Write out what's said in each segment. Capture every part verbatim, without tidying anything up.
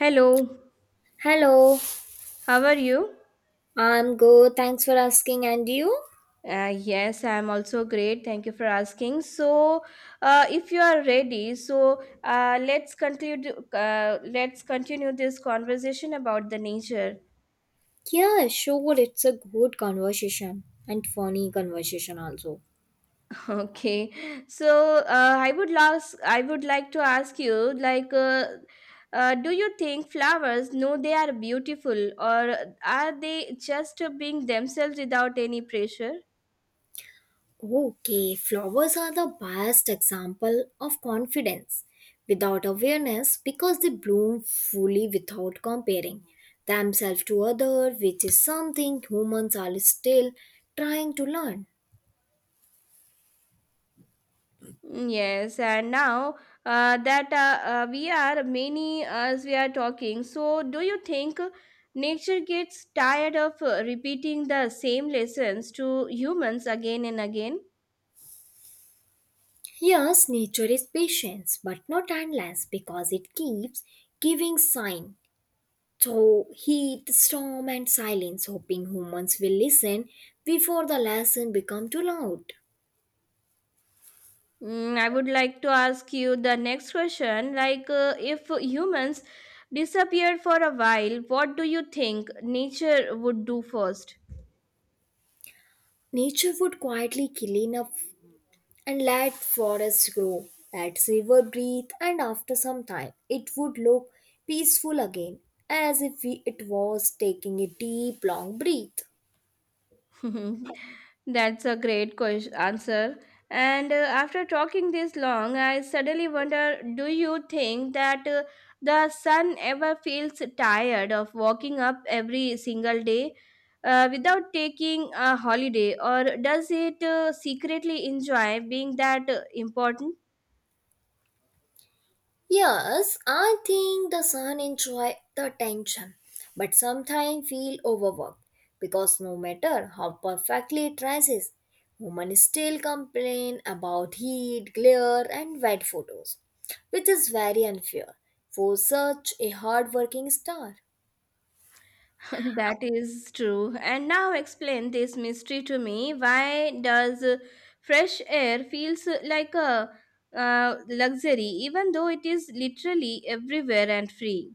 Hello, Hello, how are you? I'm good. Thanks for asking. And you? Uh, yes, I'm also great. Thank you for asking. So, uh, if you are ready, so uh, let's conclude. Uh, let's continue this conversation about the nature. Yeah, sure. It's a good conversation and funny conversation also. Okay. So, uh, I would last. I would like to ask you, like, uh, uh, do you think flowers know they are beautiful, or are they just being themselves without any pressure? Okay, flowers are the best example of confidence without awareness because they bloom fully without comparing themselves to other, which is something humans are still trying to learn. Mm, yes, and now uh, that uh, uh, we are many as we are talking, so do you think nature gets tired of uh, repeating the same lessons to humans again and again? Yes, nature is patient but not endless because it keeps giving sign. So heat, storm, and silence, hoping humans will listen before the lesson become too loud. Mm, I would like to ask you the next question like, uh, if humans disappeared for a while, what do you think nature would do first? Nature would quietly clean up and let forests grow, let river breathe, and after some time, it would look peaceful again, as if we, it was taking a deep, long breath. That's a great question answer. And uh, after talking this long, I suddenly wonder, do you think that uh, the sun ever feels tired of walking up every single day uh, without taking a holiday, or does it uh, secretly enjoy being that uh, important? Yes, I think the son enjoy the tension, but sometimes feel overworked because no matter how perfectly it dresses, women still complain about heat, glare, and wet photos, which is very unfair for such a hard-working star. That is true. And now explain this mystery to me. Why does uh, fresh air feels uh, like a uh, luxury, even though it is literally everywhere and free?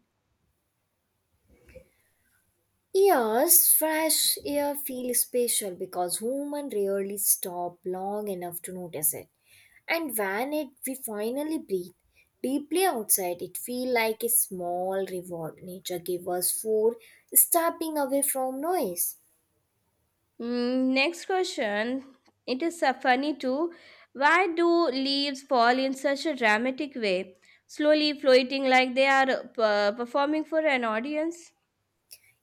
Yes, fresh air feels special because human rarely stop long enough to notice it. And when it we finally breathe deeply outside, it feel like a small reward nature gave us for stepping away from noise. Mm, next question. It is so funny too. Why do leaves fall in such a dramatic way, slowly floating like they are uh, performing for an audience?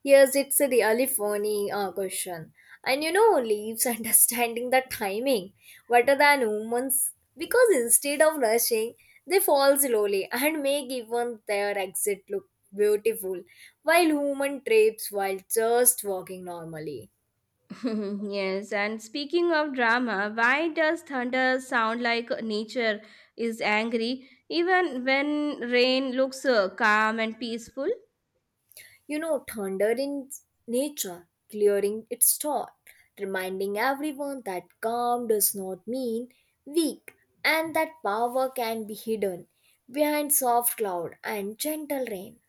Yes, it's a really funny uh, question. And you know, leaves understanding the timing better than humans because instead of rushing, they fall slowly and make even their exit look beautiful while human trips while just walking normally. Yes, and speaking of drama, why does thunder sound like nature is angry even when rain looks uh, calm and peaceful? You know, thunder in nature, clearing its storm, reminding everyone that calm does not mean weak and that power can be hidden behind soft cloud and gentle rain.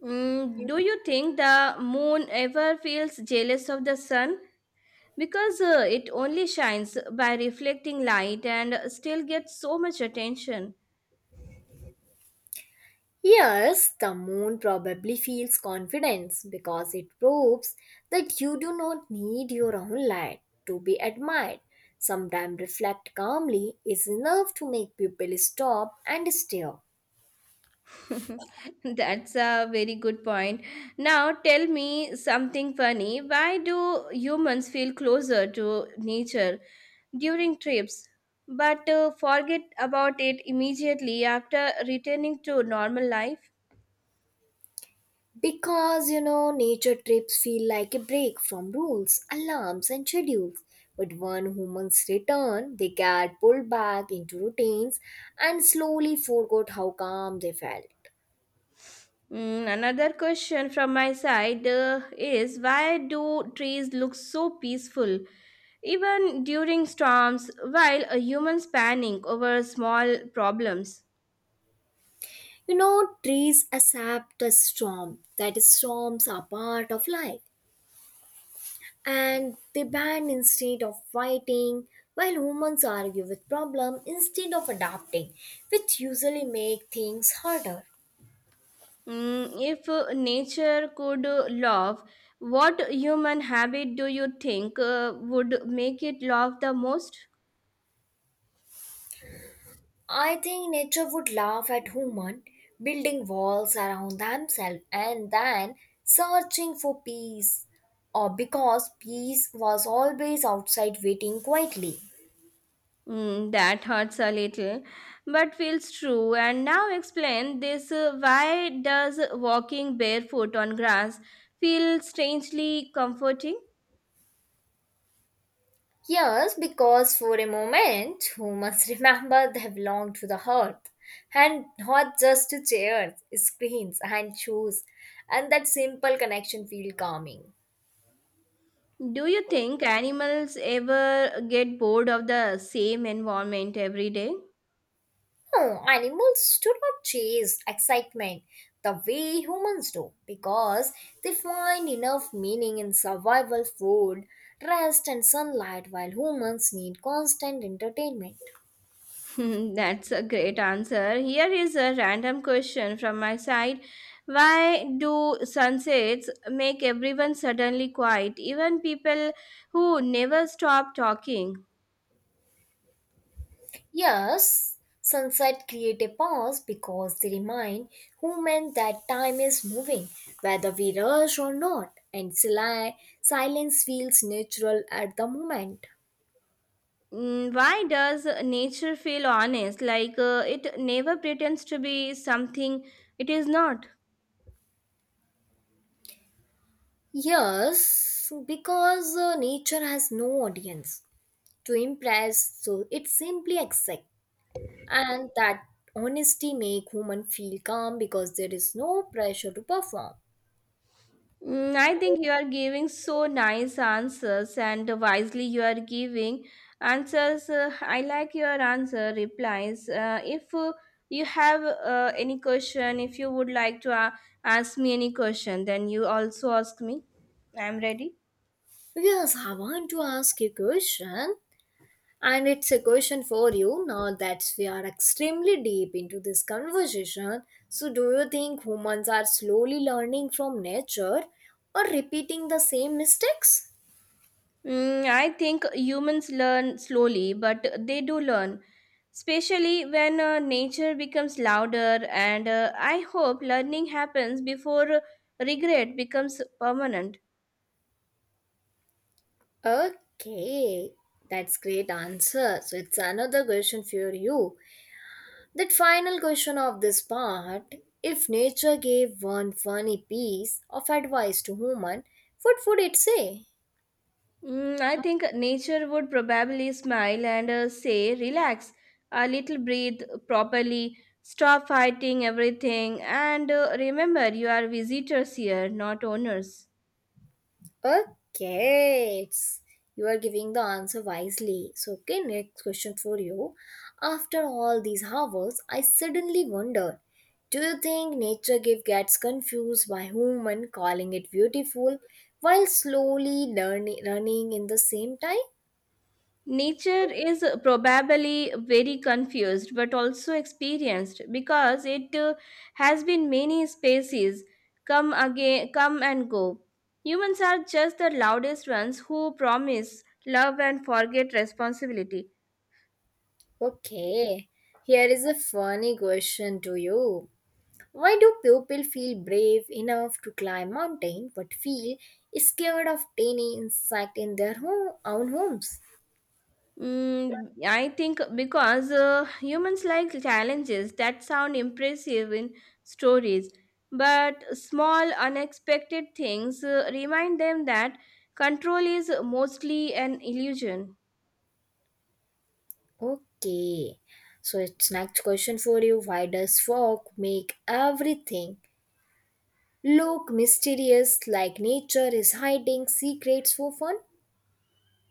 Mm, do you think the moon ever feels jealous of the sun? Because uh, it only shines by reflecting light and still gets so much attention. Yes, the moon probably feels confidence because it proves that you do not need your own light to be admired. Sometimes reflect calmly is enough to make people stop and stare. That's a very good point. Now tell me something funny. Why do humans feel closer to nature during trips, but uh, forget about it immediately after returning to normal life? Because you know, nature trips feel like a break from rules, alarms, and schedules. But when humans return, they get pulled back into routines and slowly forgot how calm they felt. Mm, another question from my side uh, is why do trees look so peaceful even during storms while a human's panic over small problems? You know, trees accept a storm, that storms are part of life, and they bend instead of fighting, while humans argue with problem instead of adapting, which usually make things harder. Mm, if uh, nature could uh, love, what human habit do you think uh, would make it love the most? I think nature would laugh at human building walls around themselves and then searching for peace or because peace was always outside waiting quietly. Mm, that hurts a little, but feels true. And now explain this, uh, why does walking barefoot on grass feel strangely comforting? Yes, because for a moment humans remember they belong to the earth and not just to chairs, screens and shoes and that simple connection feel calming. Do you think animals ever get bored of the same environment every day? No, animals do not chase excitement the way humans do because they find enough meaning in survival, food, rest, and sunlight, while humans need constant entertainment. Hmm, that's a great answer. Here is a random question from my side. Why do sunsets make everyone suddenly quiet, even people who never stop talking? Yes, sunset create a pause because they remind humans that time is moving, whether we rush or not, and sili- silence feels natural at the moment. Mm, why does nature feel honest, like uh, it never pretends to be something it is not? Yes, because uh, nature has no audience to impress, so it's simply exact, and that honesty make women feel calm because there is no pressure to perform. Mm, I think you are giving so nice answers, and wisely you are giving answers. uh, I like your answer replies. Uh, if uh, you have uh, any question, if you would like to uh, ask me any question, then you also ask me. I am ready. Yes, I want to ask you a question, and it's a question for you. Now that we are extremely deep into this conversation, so do you think humans are slowly learning from nature or repeating the same mistakes? Mm, I think humans learn slowly, but they do learn, especially when uh, nature becomes louder. And uh, I hope learning happens before regret becomes permanent. Okay, that's great answer. So it's another question for you. That final question of this part, if nature gave one funny piece of advice to human, what would it say? Mm, I think nature would probably smile and uh, say, "Relax a little, breathe properly, stop fighting everything, and uh, remember you are visitors here, not owners." Okay, it's, you are giving the answer wisely. So, okay, next question for you. After all these hours, I suddenly wonder, do you think nature give gets confused by human calling it beautiful while slowly learning, running in the same time? Nature is probably very confused but also experienced, because it uh, has been many species come again come and go. Humans are just the loudest ones who promise love and forget responsibility. Okay, here is a funny question to you. Why do people feel brave enough to climb mountain but feel scared of tiny insect in their home, own homes? Mm, I think because uh, humans like challenges that sound impressive in stories, but small, unexpected things uh, remind them that control is mostly an illusion. Okay, so it's next question for you. Why does fog make everything look mysterious like nature is hiding secrets for fun?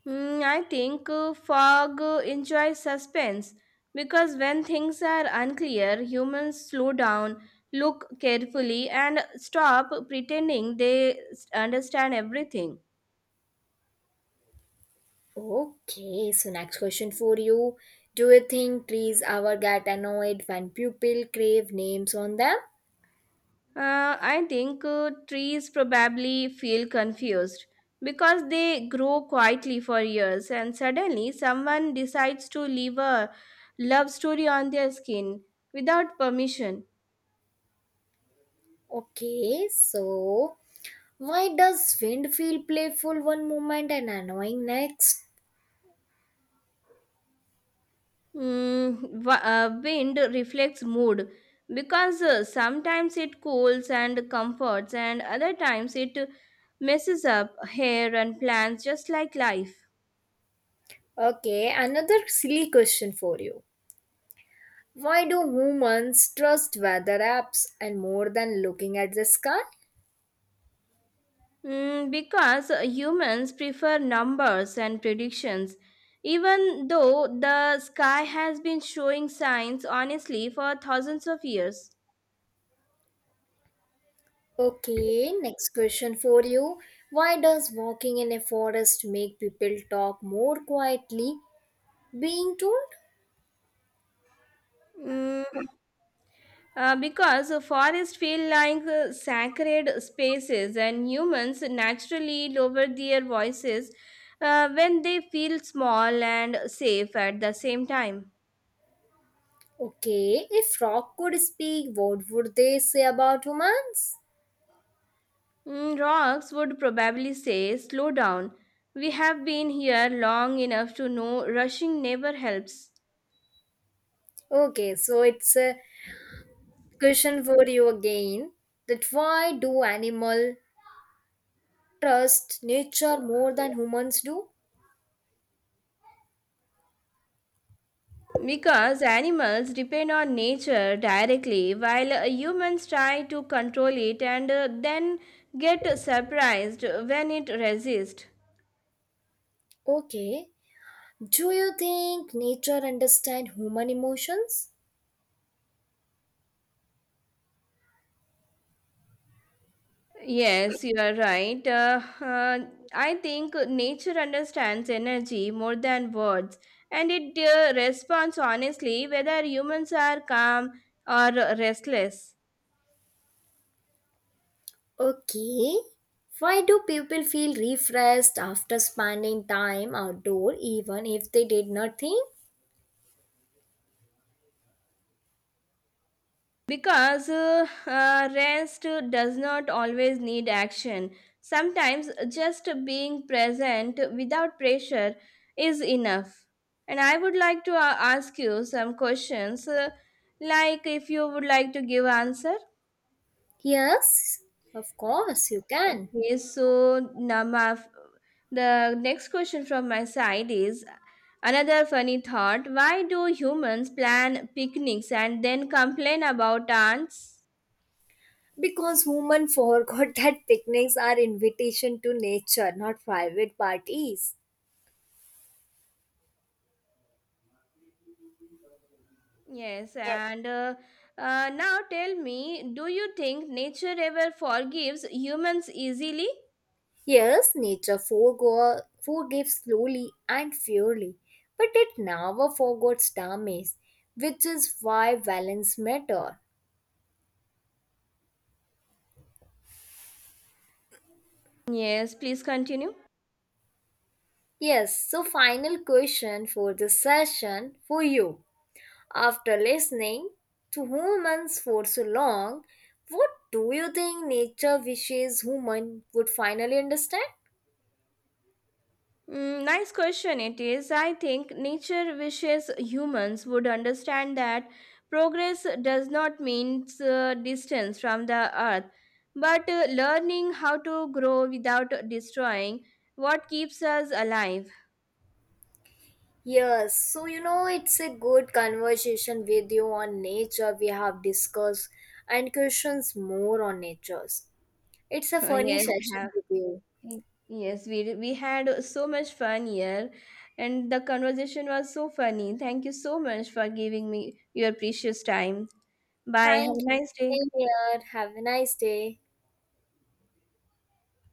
Mm, I think uh, fog uh, enjoys suspense because when things are unclear, humans slow down, look carefully, and stop pretending they s- understand everything. Okay, so next question for you. Do you think trees ever get annoyed when people crave names on them? Uh, I think uh, trees probably feel confused because they grow quietly for years and suddenly someone decides to leave a love story on their skin without permission. Okay, so why does wind feel playful one moment and annoying next? Mm, wa- uh, wind reflects mood because uh, sometimes it cools and comforts, and other times it messes up hair and plants, just like life. Okay, another silly question for you. Why do humans trust weather apps and more than looking at the sky? Mm, because humans prefer numbers and predictions, even though the sky has been showing signs honestly for thousands of years. Okay, next question for you. Why does walking in a forest make people talk more quietly? Being told? Mm, uh, because forests feel like uh, sacred spaces, and humans naturally lower their voices uh, when they feel small and safe at the same time. Okay, if frog could speak, what would they say about humans? Mm, rocks would probably say, "Slow down. We have been here long enough to know rushing never helps." Okay, so it's a question for you again, that why do animal trust nature more than humans do? Because animals depend on nature directly, while uh, humans try to control it and uh, then get surprised when it resists. Okay, do you think nature understand human emotions? Yes, you are right. Uh, uh, I think nature understands energy more than words, and it uh, responds honestly whether humans are calm or restless. Okay, why do people feel refreshed after spending time outdoor even if they did nothing? Because uh, uh, rest does not always need action. Sometimes just being present without pressure is enough. And I would like to uh, ask you some questions, uh, like if you would like to give answer. Yes, of course you can. Okay, so now my, the next question from my side is another funny thought. Why do humans plan picnics and then complain about ants? Because human forgot that picnics are invitation to nature, not private parties. Yes, and uh, uh, now tell me, do you think nature ever forgives humans easily? Yes, nature forego- forgives slowly and fairly, but it never forgets damage, which is why balance matter. Yes, please continue. Yes, so final question for this session for you. After listening to humans for so long, what do you think nature wishes human would finally understand? Mm, nice question it is. I think nature wishes humans would understand that progress does not mean uh, distance from the earth, but uh, learning how to grow without destroying what keeps us alive. Yes, so you know, it's a good conversation with you on nature. We have discussed and questions more on natures. It's a Uh, funny yes, ha- session with you. y- yes, we, we had so much fun here, and the conversation was so funny. Thank you so much for giving me your precious time. Bye. Have a Thank you. nice day. Same here. Have a nice day.